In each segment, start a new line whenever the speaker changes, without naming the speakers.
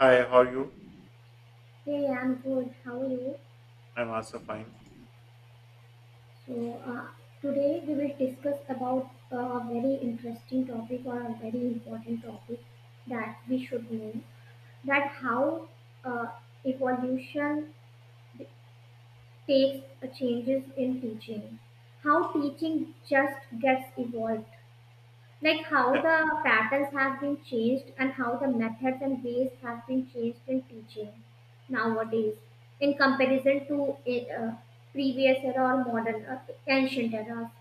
Hi, how are you?
Hey, I'm good. How are you?
I'm also fine.
So, uh, today we will discuss about a very interesting topic or a very important topic that we should know that how uh, evolution takes changes in teaching, how teaching just gets evolved, like how
Yeah,
the patterns have been changed and how the methods and ways have been changed in teaching nowadays in comparison to previous era or modern ancient era.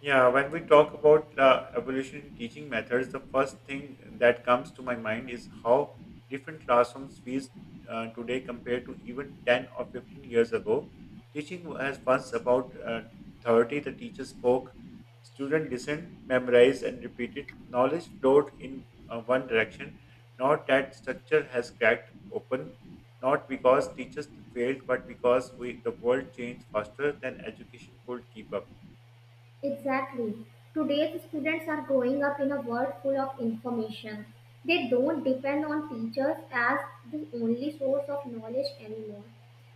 Yeah, when we talk about evolution in teaching methods, the first thing that comes to my mind is how different classrooms feels today compared to even 10 or 15 years ago. Teaching was once about authority, the teacher spoke, student listened, memorized, and repeated. Knowledge flowed in one direction. Now that structure has cracked open, not because teachers failed, but because we, the world changed faster than education could keep up.
Exactly. Today's students are growing up in a world full of information. They don't depend on teachers as the only source of knowledge anymore.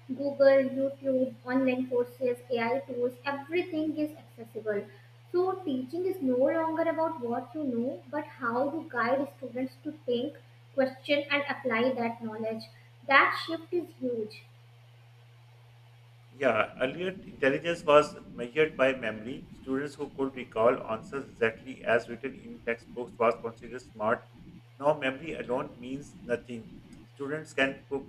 Google, YouTube, online courses, AI tools, everything is accessible. So, teaching is no longer about what you know, but how to guide students to think, question, and apply that knowledge. That shift is huge.
Yeah, earlier intelligence was measured by memory. Students who could recall answers exactly as written in textbooks was considered smart. Now, memory alone means nothing. Students can cook,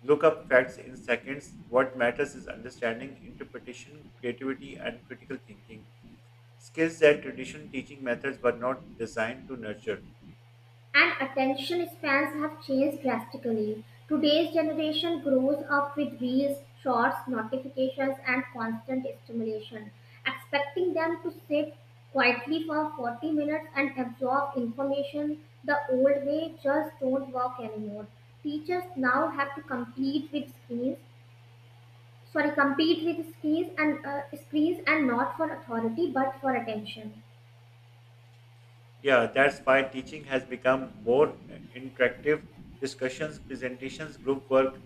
look up facts in seconds. What matters is understanding, interpretation, creativity, and critical thinking. Skills that traditional teaching methods were not designed to nurture.
And attention spans have changed drastically. Today's generation grows up with reels, shorts, notifications, and constant stimulation, expecting them to sit quietly for 40 minutes and absorb information the old way just don't work anymore. Teachers now have to compete with screens, sorry, compete with screens and screens, and not for authority but for attention.
Yeah, that's why teaching has become more interactive. Discussions, presentations, group work,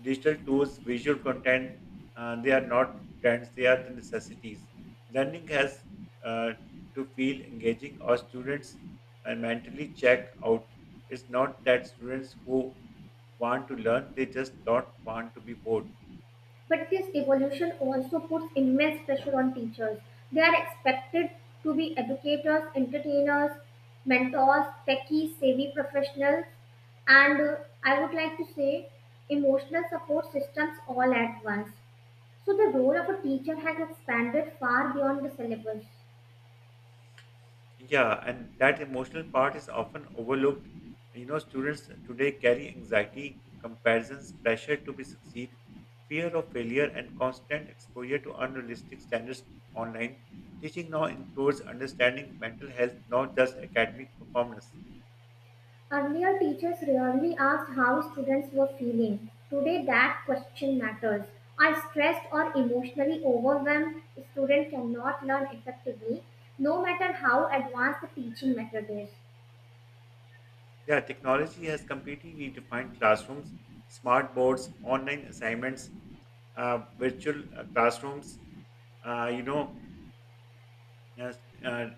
digital tools, visual content, they are not trends, they are the necessities. Learning has uh, to feel engaging or students mentally check out. It's not that students who want to learn, they just don't want to be bored.
But this evolution also puts immense pressure on teachers. They are expected to be educators, entertainers, mentors, techie savvy professionals, and I would like to say emotional support systems all at once. So the role of a teacher has expanded far beyond the syllabus.
Yeah, and that emotional part is often overlooked. You know, students today carry anxiety, comparisons, pressure to be succeed, fear of failure, and constant exposure to unrealistic standards online. Teaching now includes understanding mental health, not just academic performance.
Earlier, teachers rarely asked how students were feeling. Today, that question matters. Are stressed or emotionally overwhelmed student cannot learn effectively, no matter how advanced the teaching method is.
Yeah, technology has completely redefined classrooms, smart boards, online assignments, virtual classrooms. Uh, you know, Yes,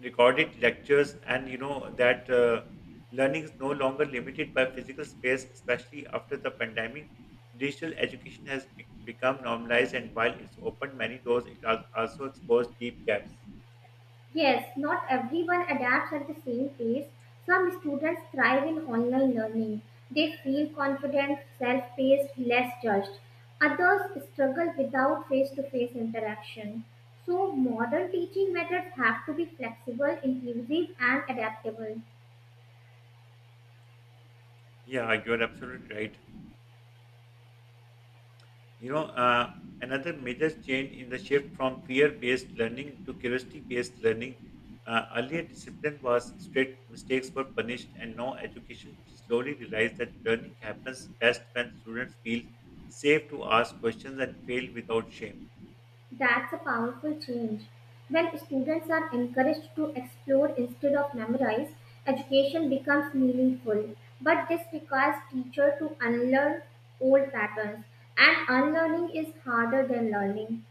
recorded lectures, and you know that learning is no longer limited by physical space, especially after the pandemic. Digital education has become normalized, and while it's opened many doors, it has also exposed deep gaps.
Yes, not everyone adapts at the same pace. Some students thrive in online learning. They feel confident, self paced, less judged. Others struggle without face to face interaction. So, modern teaching methods have to be flexible, inclusive, and adaptable.
Yeah, you're absolutely right. You know, uh, Another major change in the shift from fear based learning to curiosity based learning. Earlier, discipline was strict, mistakes were punished, and now education slowly realized that learning happens best when students feel safe to ask questions and fail without shame.
That's a powerful change. When students are encouraged to explore instead of memorize, education becomes meaningful. But this requires teacher to unlearn old patterns, and unlearning is harder than learning.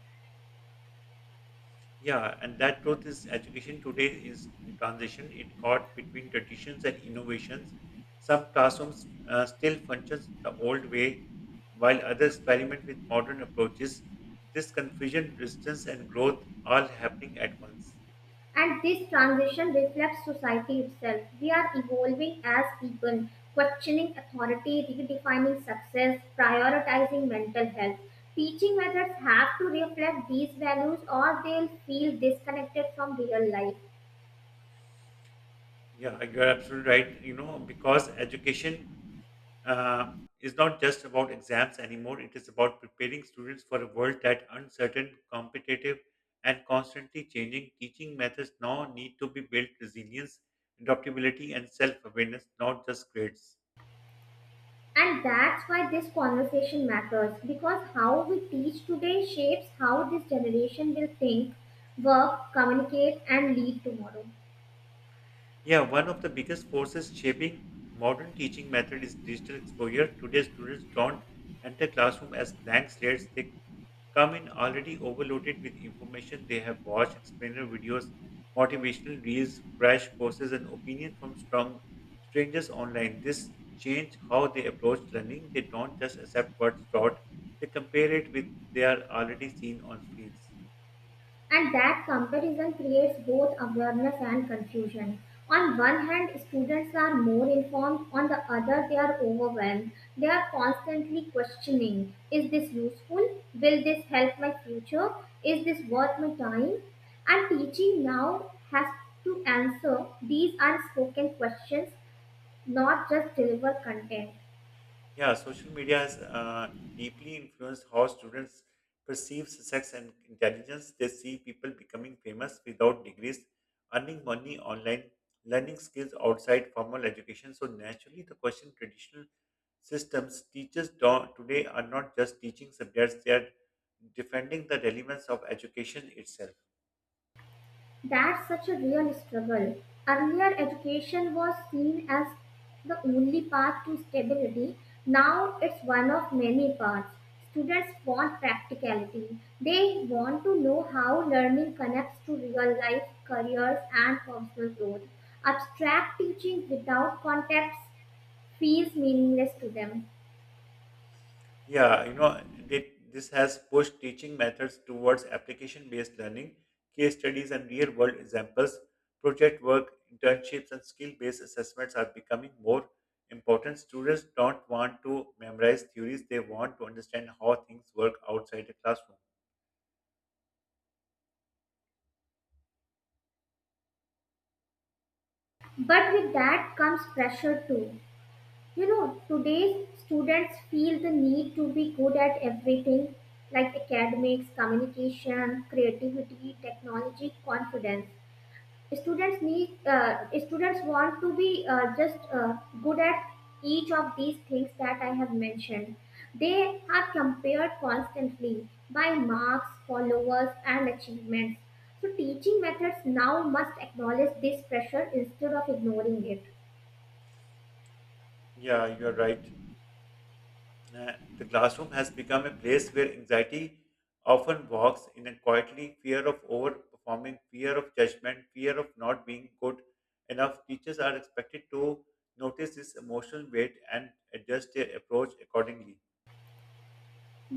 Yeah, and that truth is education today is in transition. It caught between traditions and innovations. Some classrooms still functions the old way, while others experiment with modern approaches. This confusion, distance, and growth all happening at once.
And this transition reflects society itself. We are evolving as people, questioning authority, redefining success, prioritizing mental health. Teaching methods have to reflect these values or they'll feel disconnected from real life.
Yeah, you're absolutely right. You know, because education uh, is not just about exams anymore. It is about preparing students for a world that uncertain, competitive, and constantly changing. Teaching methods now need to be built resilience, adaptability, and self-awareness, not just grades.
And that's why this conversation matters, because how we teach today shapes how this generation will think, work, communicate, and lead tomorrow.
Yeah, one of the biggest forces shaping modern teaching method is digital exposure. Today, students don't enter classroom as blank slates. They come in already overloaded with information they have watched, explainer videos, motivational reels, crash courses, and opinion from strong strangers online. This change how they approach learning. They don't just accept what's taught; they compare it with they are already seen on screens.
And that comparison creates both awareness and confusion. On one hand, students are more informed, on the other, they are overwhelmed. They are constantly questioning, is this useful? Will this help my future? Is this worth my time? And teaching now has to answer these unspoken questions, not just deliver content.
Yeah, social media has deeply influenced how students perceive success and intelligence. They see people becoming famous without degrees, earning money online, learning skills outside formal education. So naturally, the question traditional systems teachers today are not just teaching subjects; they are defending the relevance of education itself.
That's such a real struggle. Earlier, education was seen as the only path to stability. Now, it's one of many paths. Students want practicality. They want to know how learning connects to real life, careers, and personal growth. Abstract teaching without context feels meaningless to them.
This has pushed teaching methods towards application based learning, case studies, and real world examples. Project work, internships, and skill based assessments are becoming more important. Students don't want to memorize theories, they want to understand how things work outside the classroom.
But with that comes pressure too. You know, today's students feel the need to be good at everything, like academics, communication, creativity, technology, confidence. Students want to be just good at each of these things that I have mentioned. They are compared constantly by marks, followers, and achievements. So teaching methods now must acknowledge this pressure instead of ignoring it.
Yeah, you're right. The classroom has become a place where anxiety often walks in a quietly fear of overperforming, fear of judgment, fear of not being good enough. Teachers are expected to notice this emotional weight and adjust their approach accordingly.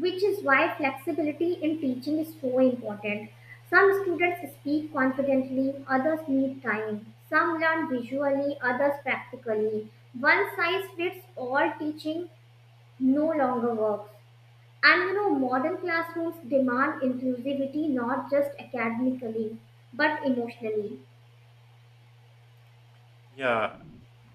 Which is why flexibility in teaching is so important. Some students speak confidently, others need time. Some learn visually, others practically. One size fits all teaching no longer works. And you know, modern classrooms demand inclusivity, not just academically but emotionally.
Yeah,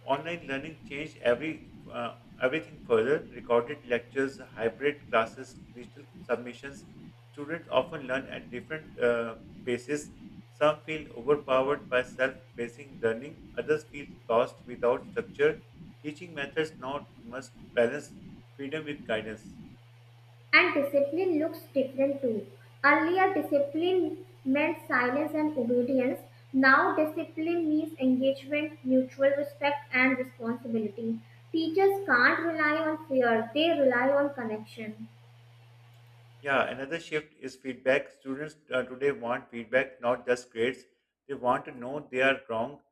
online learning changed everything further. Recorded lectures, hybrid classes, digital submissions. Students often learn at different paces. Some feel overpowered by self paced learning. Others feel lost without structure. Teaching methods now must balance freedom with guidance.
And discipline looks different too. Earlier, discipline meant silence and obedience. Now, discipline means engagement, mutual respect, and responsibility. Teachers can't rely on fear, they rely on connection.
Yeah, another shift is feedback. Students today want feedback, not just grades. They want to know they are wrong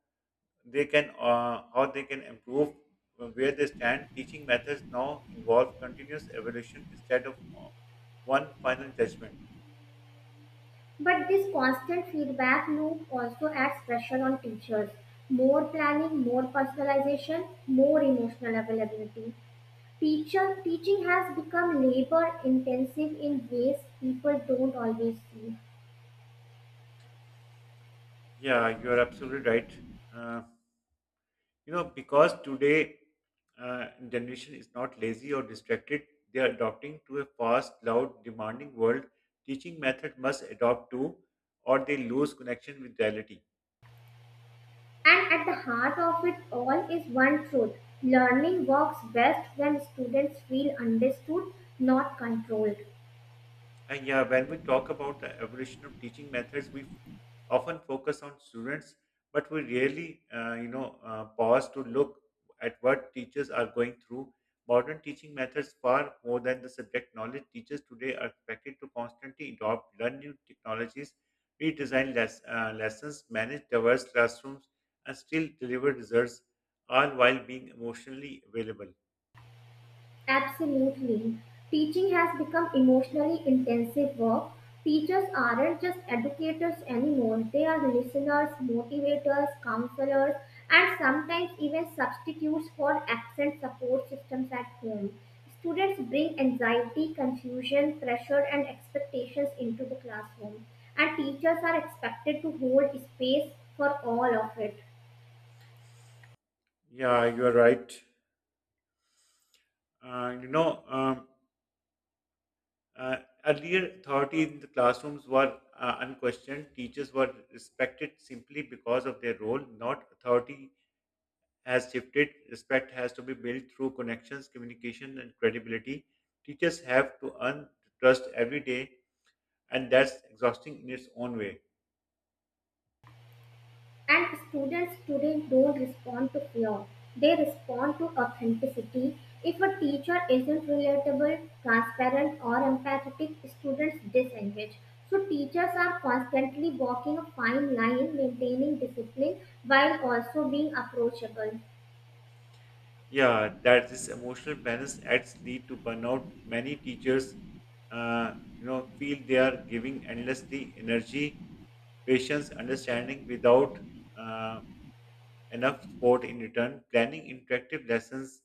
they can how they can improve where they stand teaching methods now involve continuous evolution instead of one final judgment.
But this constant feedback loop also adds pressure on teachers. More planning, more personalization, more emotional availability. Teacher teaching has become labor intensive in ways people don't always see.
Yeah, you're absolutely right. uh, because today generation is not lazy or distracted, they are adopting to a fast loud demanding world. Teaching method must adopt to or they lose connection with reality.
And at the heart of it all is one truth: learning works best when students feel understood, not controlled.
And yeah, when we talk about the evolution of teaching methods, often focus on students, but we rarely, pause to look at what teachers are going through. Modern teaching methods, far more than the subject knowledge, teachers today are expected to constantly adopt, learn new technologies, redesign lessons, manage diverse classrooms, and still deliver results, all while being emotionally available.
Absolutely. Teaching has become emotionally intensive work. Teachers aren't just educators anymore, they are listeners, motivators, counselors, and sometimes even substitutes for absent support systems at home. Students bring anxiety, confusion, pressure, and expectations into the classroom, and teachers are expected to hold space for all of it.
Yeah, you are right. Uh, you know. Um, Uh, Earlier, authority in the classrooms were unquestioned. Teachers were respected simply because of their role, not authority has shifted. Respect has to be built through connections, communication, and credibility. Teachers have to earn trust every day, and that's exhausting in its own way.
And students today don't respond to fear, they respond to authenticity. If a teacher isn't relatable, transparent, or empathetic, students disengage. So, teachers are constantly walking a fine line, maintaining discipline while also being approachable.
Yeah, that this emotional balance acts lead to burnout. Many teachers, uh, feel they are giving endlessly energy, patience, understanding without. Uh, Enough support in return, planning interactive lessons,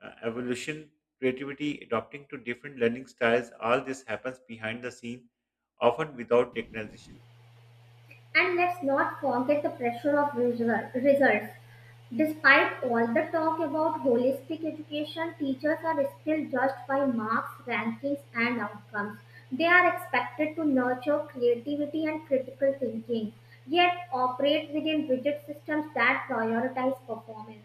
evolution, creativity, adopting to different learning styles, all this happens behind the scene, often without recognition.
And let's not forget the pressure of results. Despite all the talk about holistic education, teachers are still judged by marks, rankings, and outcomes. They are expected to nurture creativity and critical thinking, yet operate within rigid systems that prioritize performance.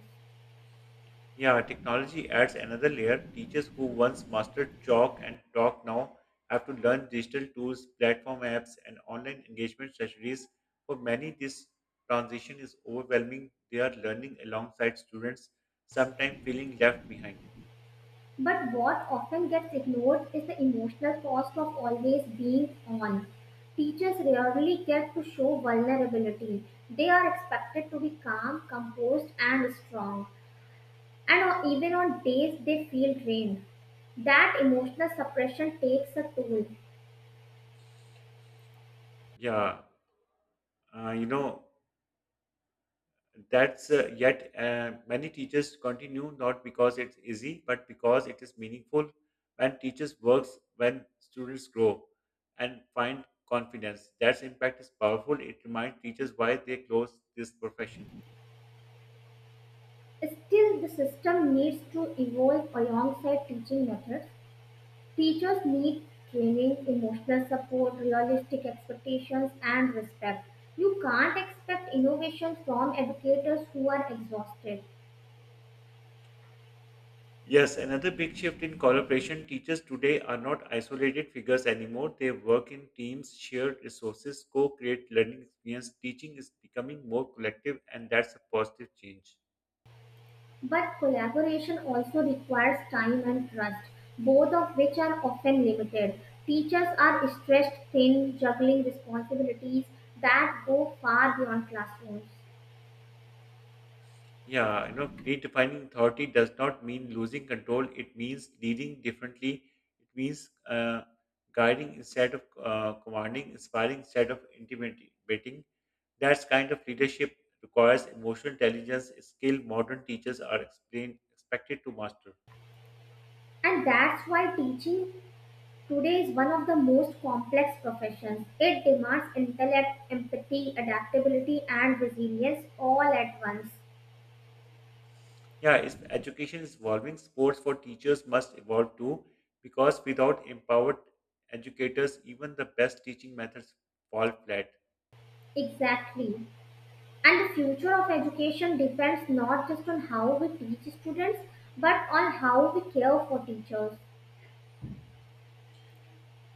Yeah, technology adds another layer. Teachers who once mastered chalk and talk now have to learn digital tools, platform apps, and online engagement strategies. For many, this transition is overwhelming. They are learning alongside students, sometimes feeling left behind.
But what often gets ignored is the emotional cost of always being on. Teachers rarely get to show vulnerability. They are expected to be calm, composed, and strong. And even on days they feel drained. That emotional suppression takes a toll.
Yeah, you know, That's yet Many teachers continue not because it's easy, but because it is meaningful. When teachers works, when students grow and find confidence, that impact is powerful. It reminds teachers why they chose this profession.
Still, the system needs to evolve alongside teaching methods. Teachers need training, emotional support, realistic expectations, and respect. You can't expect innovation from educators who are exhausted.
Yes, another big shift in collaboration. Teachers today are not isolated figures anymore. They work in teams, share resources, co-create learning experience. Teaching is becoming more collective, and that's a positive change.
But collaboration also requires time and trust, both of which are often limited. Teachers are stressed thin, juggling responsibilities that go far beyond classrooms.
Yeah, you know, redefining authority does not mean losing control. It means leading differently. It means guiding instead of commanding, inspiring instead of intimidating. That kind of leadership requires emotional intelligence, a skill modern teachers are explained, expected to master.
And that's why teaching today is one of the most complex professions. It demands intellect, empathy, adaptability, and resilience all at once.
Yeah, if education is evolving, sports for teachers must evolve too, because without empowered educators, even the best teaching methods fall flat.
Exactly. And the future of education depends not just on how we teach students, but on how we care for teachers.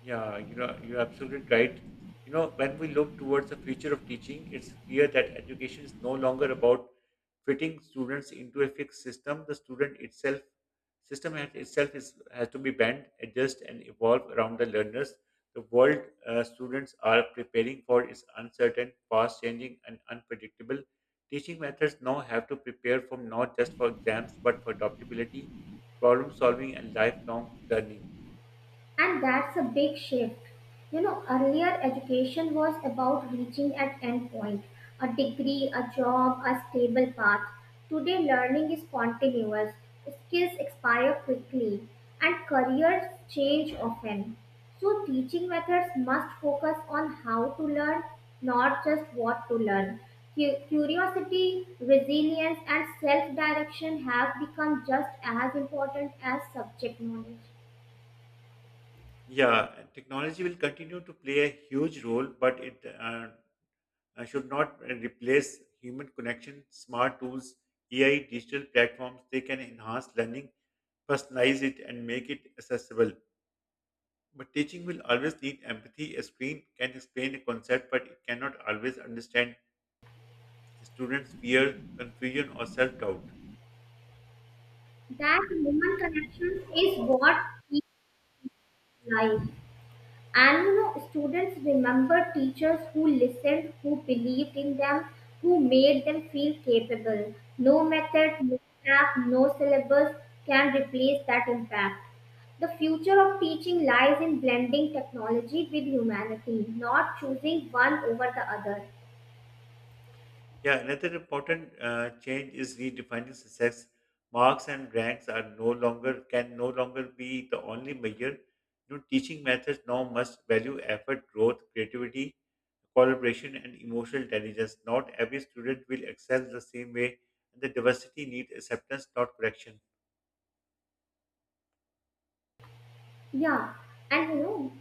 Yeah, you know, you're absolutely right. You know, when we look towards the future of teaching, it's clear that education is no longer about fitting students into a fixed system. The system itself is has to be bent, adjust, and evolve around the learners. The world students are preparing for is uncertain, fast-changing, and unpredictable. Teaching methods now have to prepare for not just for exams, but for adaptability, problem solving, and lifelong learning.
And that's a big shift. You know, earlier education was about reaching an end point, a degree, a job, a stable path. Today, learning is continuous, skills expire quickly, and careers change often. So, teaching methods must focus on how to learn, not just what to learn. Curiosity, resilience, and self direction have become just as important as subject knowledge.
Yeah, technology will continue to play a huge role, but it should not replace human connection. Smart tools, AI, digital platforms, they can enhance learning, personalize it, and make it accessible. But teaching will always need empathy. A screen can explain a concept, but it cannot always understand a student's fear, confusion, or self doubt.
That human connection is what keeps life. And you know, students remember teachers who listened, who believed in them, who made them feel capable. No method, no app, no syllabus can replace that impact. The future of teaching lies in blending technology with humanity, not choosing one over the other.
Yeah, another important change is redefining success. Marks and ranks are no longer can no longer be the only measure. You know, teaching methods now must value effort, growth, creativity, collaboration, and emotional intelligence. Not every student will excel the same way, and the diversity needs acceptance, not correction.
Yeah, and you know,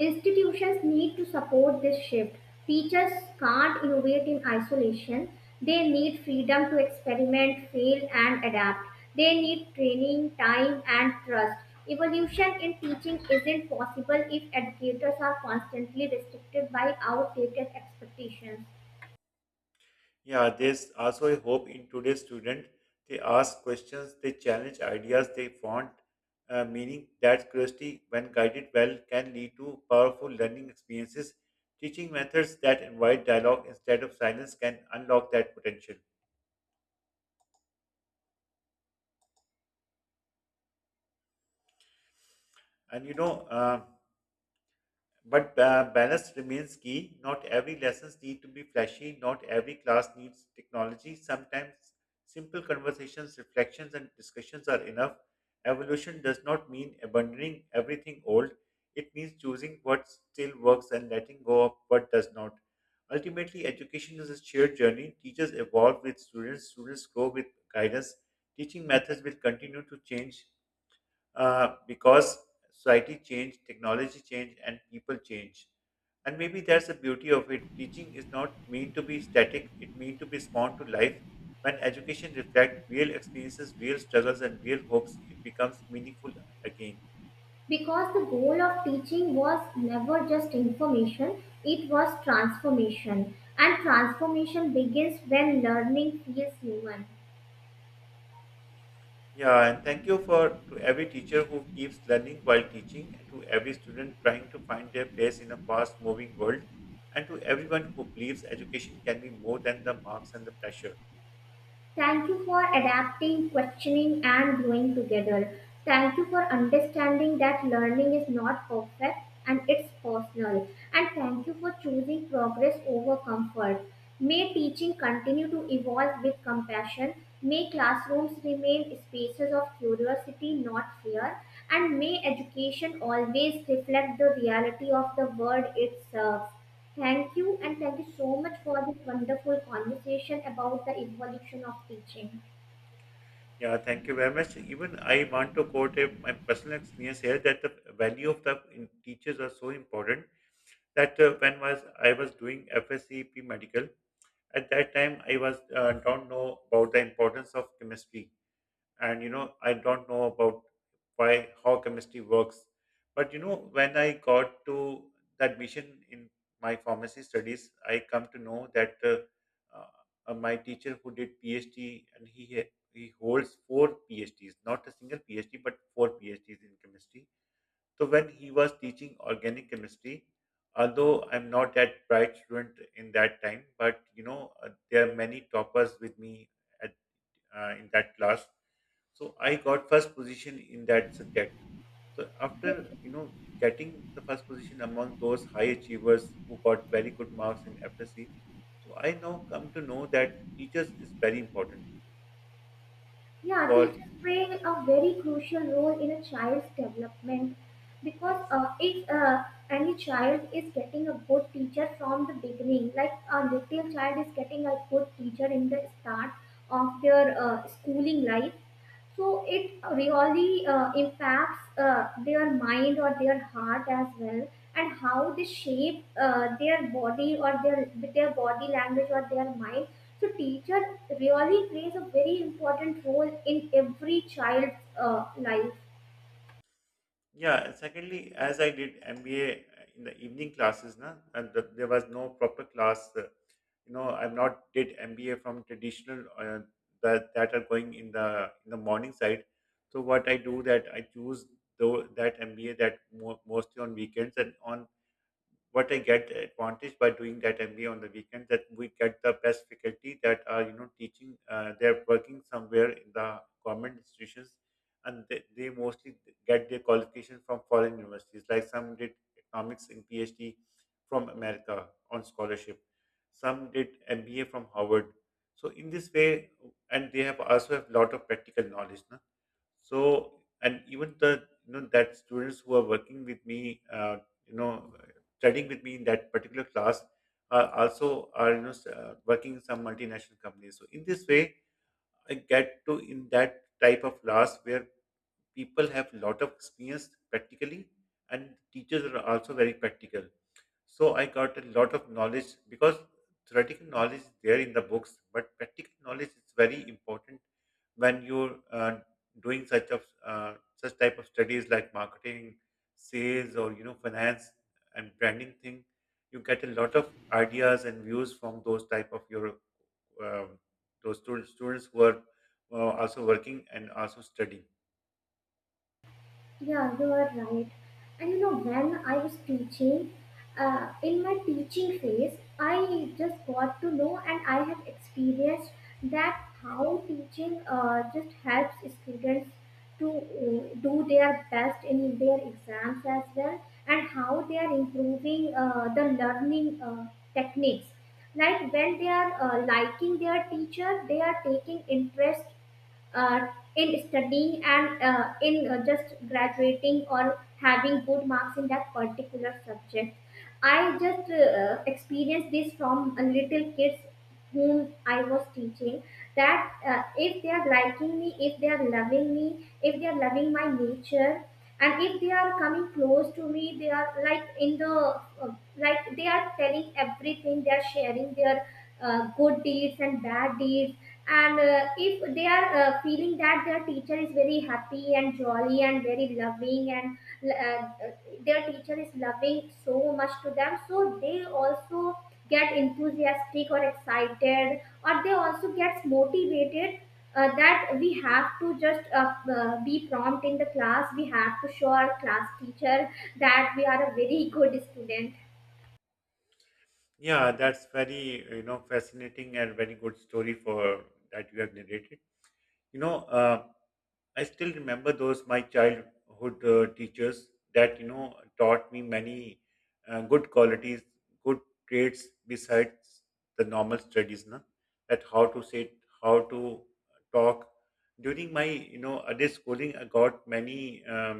institutions need to support this shift. Teachers can't innovate in isolation. They need freedom to experiment, fail, and adapt. They need training, time, and trust. Evolution in teaching isn't possible if educators are constantly restricted by outdated expectations.
Yeah, there's also a hope in today's student. They ask questions, they challenge ideas, they want meaning. That curiosity, when guided well, can lead to powerful learning experiences. Teaching methods that invite dialogue instead of silence can unlock that potential. And you know, But ba- Balance remains key. Not every lessons need to be flashy. Not every class needs technology. Sometimes simple conversations, reflections, and discussions are enough. Evolution does not mean abandoning everything old. It means choosing what still works and letting go of what does not. Ultimately, education is a shared journey. Teachers evolve with students. Students grow with guidance. Teaching methods will continue to change because society changed, technology changed, and people change. And maybe that's the beauty of it. Teaching is not meant to be static; it meant to be spawned to life. When education reflects real experiences, real struggles, and real hopes, it becomes meaningful again.
Because the goal of teaching was never just information, it was transformation. And transformation begins when learning feels human.
Yeah, and thank you for to every teacher who keeps learning while teaching, and to every student trying to find their place in a fast-moving world, and to everyone who believes education can be more than the marks and the pressure.
Thank you for adapting, questioning, and growing together. Thank you for understanding that learning is not perfect and it's personal. And thank you for choosing progress over comfort. May teaching continue to evolve with compassion. May classrooms remain spaces of curiosity, not fear. And may education always reflect the reality of the world it serves. Thank you, and thank you so much for this wonderful conversation about the evolution of teaching.
Yeah, thank you very much. Even I want to quote my personal experience here that the value of the teachers are so important that when was I was doing FSCP medical. At that time I was don't know about the importance of chemistry, and I don't know about why how chemistry works. But you know, when I got to the admission in my pharmacy studies, I come to know that my teacher who did PhD, and he holds four PhDs, not a single PhD but four PhDs in chemistry. So when he was teaching organic chemistry, although I'm not that bright student in that time, but you know, there are many toppers with me in that class. So I got first position in that subject. So after, you know, getting the first position among those high achievers who got very good marks in FSC, so I now come to know that teachers is very important
Yeah,
for
teachers play a very crucial role in a child's development, because
yes.
if any child is getting a good teacher from the beginning, like a little child is getting a good teacher in the start of their schooling life, so it really impacts their mind or their heart as well, and how they shape their body or their, with their body language or their mind. So teacher really plays a very important role in every child's life.
Yeah, secondly, as I did MBA in the evening classes, na, and there was no proper class. You know, I've not did MBA from traditional, that are going in the morning side. So what I do that I choose though that MBA that mostly on weekends, and on what I get advantage by doing that MBA on the weekend that we get the best faculty that are, you know, teaching. They're working somewhere in the government institutions, and they mostly get their qualification from foreign universities. Like some did economics in PhD from America on scholarship, some did MBA from Harvard. So in this way, and they have also have lot of practical knowledge. Na? So and even the, you know, that students who are working with me, you know studying with me in that particular class are also are, you know, working in some multinational companies. So in this way, I get to in that type of class where people have a lot of experience practically, and teachers are also very practical. So I got a lot of knowledge because theoretical knowledge is there in the books, but practical knowledge is very important when you're doing such type of studies like marketing, sales, or you know, finance and branding thing. You get a lot of ideas and views from those type of your um, those students who are also working and also studying.
Yeah, you are right. And you know, when I was teaching, in my teaching phase, I just got to know and I have experienced that how teaching just helps students to do their best in their exams as well, and how they are improving the learning techniques. Like when they are liking their teacher, they are taking interest uh, in studying and in just graduating or having good marks in that particular subject. I just experienced this from a little kids whom I was teaching, that if they are liking me, if they are loving me, if they are loving my nature, and if they are coming close to me, they are like in the like they are telling everything, they are sharing their good deeds and bad deeds, and if they are feeling that their teacher is very happy and jolly and very loving, and their teacher is loving so much to them, so they also get enthusiastic or excited, or they also gets motivated, that we have to just be prompt in the class, we have to show our class teacher that we are a very good student.
Yeah, that's very, you know, fascinating and very good story for that you have narrated. You know, I still remember those my childhood teachers that, you know, taught me many good qualities, good traits, besides the normal studies, na? That how to sit, how to talk. During my, you know, other schooling, I got many um,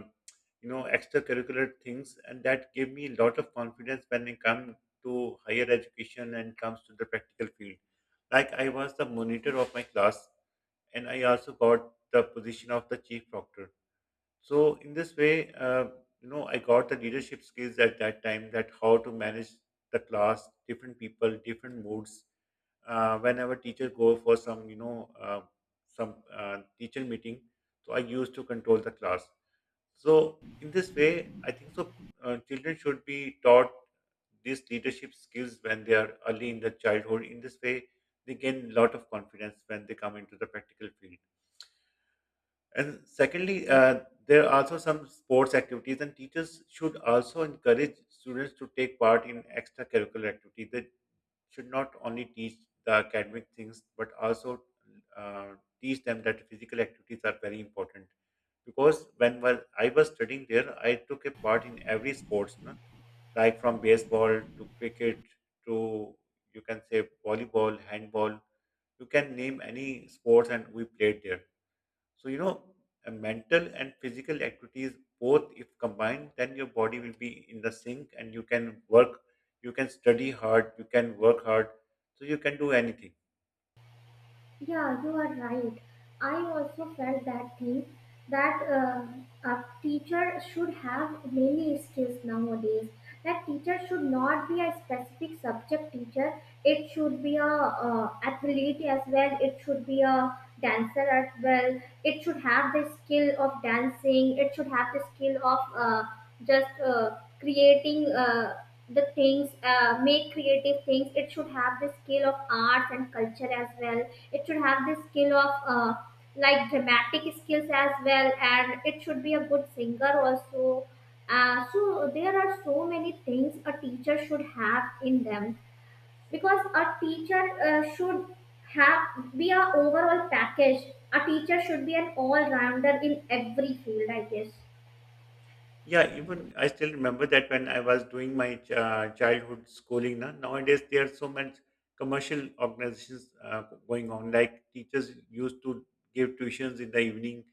you know extracurricular things, and that gave me a lot of confidence when it come to higher education and comes to the practical field. Like I was the monitor of my class, and I also got the position of the chief proctor. So in this way, I got the leadership skills at that time that how to manage the class, different people, different moods. Whenever teacher go for some, some teacher meeting, so I used to control the class. So in this way, I think so. Children should be taught these leadership skills when they are early in the childhood. In this way, they gain a lot of confidence when they come into the practical field. And secondly, there are also some sports activities, and teachers should also encourage students to take part in extracurricular activities. They should not only teach the academic things, but also uh, teach them that physical activities are very important. Because I was studying there, I took a part in every sports, na? Like from baseball to cricket to, you can say, volleyball, handball. You can name any sports, and we played there. So, you know, mental and physical activities both, if combined, then your body will be in the sync and you can work, you can study hard, you can work hard, so you can do anything.
Yeah, you are right. I also felt that thing that a teacher should have many skills nowadays. That teacher should not be a specific subject teacher. It should be a athlete as well. It should be a dancer as well. It should have the skill of dancing. It should have the skill of just creating the things, make creative things. It should have the skill of arts and culture as well. It should have the skill of like dramatic skills as well, and it should be a good singer also. So there are so many things a teacher should have in them, because a teacher should have be a overall package. A teacher should be an all-rounder in every field, I guess.
Yeah, even I still remember that when I was doing my childhood schooling. Now, nowadays there are so much commercial organizations going on. Like teachers used to give tuitions in the evening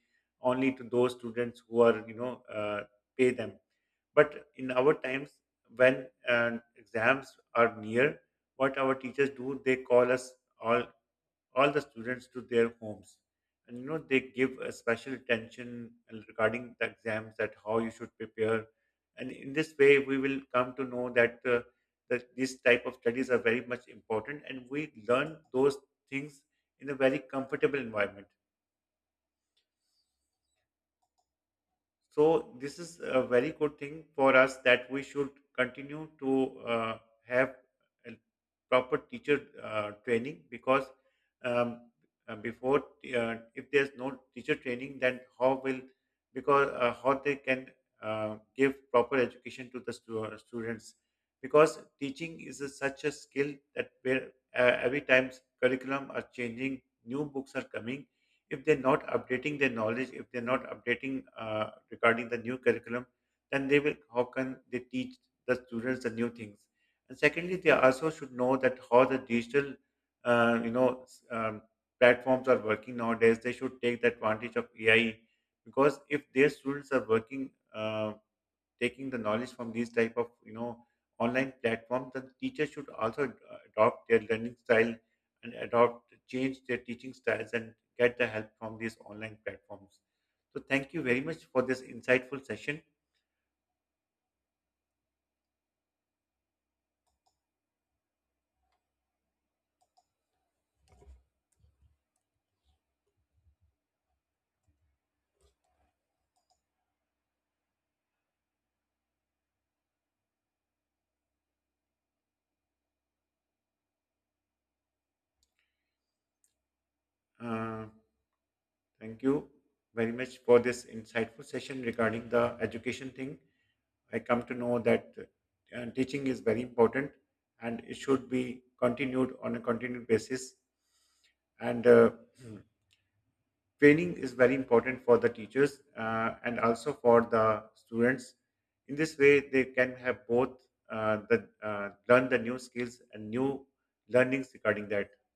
only to those students who are, you know, pay them. But in our times, when exams are near, what our teachers do, they call us all all the students to their homes, and you know, they give a special attention regarding the exams that how you should prepare. And in this way, we will come to know that that these type of studies are very much important, and we learn those things in a very comfortable environment. So this is a very good thing for us that we should continue to have a proper teacher training. Because um, before, if there's no teacher training, then how will, because how they can give proper education to the students, because teaching is a such a skill that where every time curriculum are changing, new books are coming. If they're not updating their knowledge, if they're not updating regarding the new curriculum, then they will, how can they teach the students the new things? And secondly, they also should know that how the digital, uh, you know, s- um, platforms are working nowadays. They should take the advantage of AI, because if their students are working, taking the knowledge from these type of, you know, online platforms, the teachers should also adopt their learning style, and adopt change their teaching styles, and get the help from these online platforms. So thank you very much for this insightful session. Uh, thank you very much for this insightful session regarding the education thing. I come to know that teaching is very important, and it should be continued on a continued basis. And Hmm. Training is very important for the teachers, and also for the students. In this way, they can have both, the learn the new skills and new learnings regarding that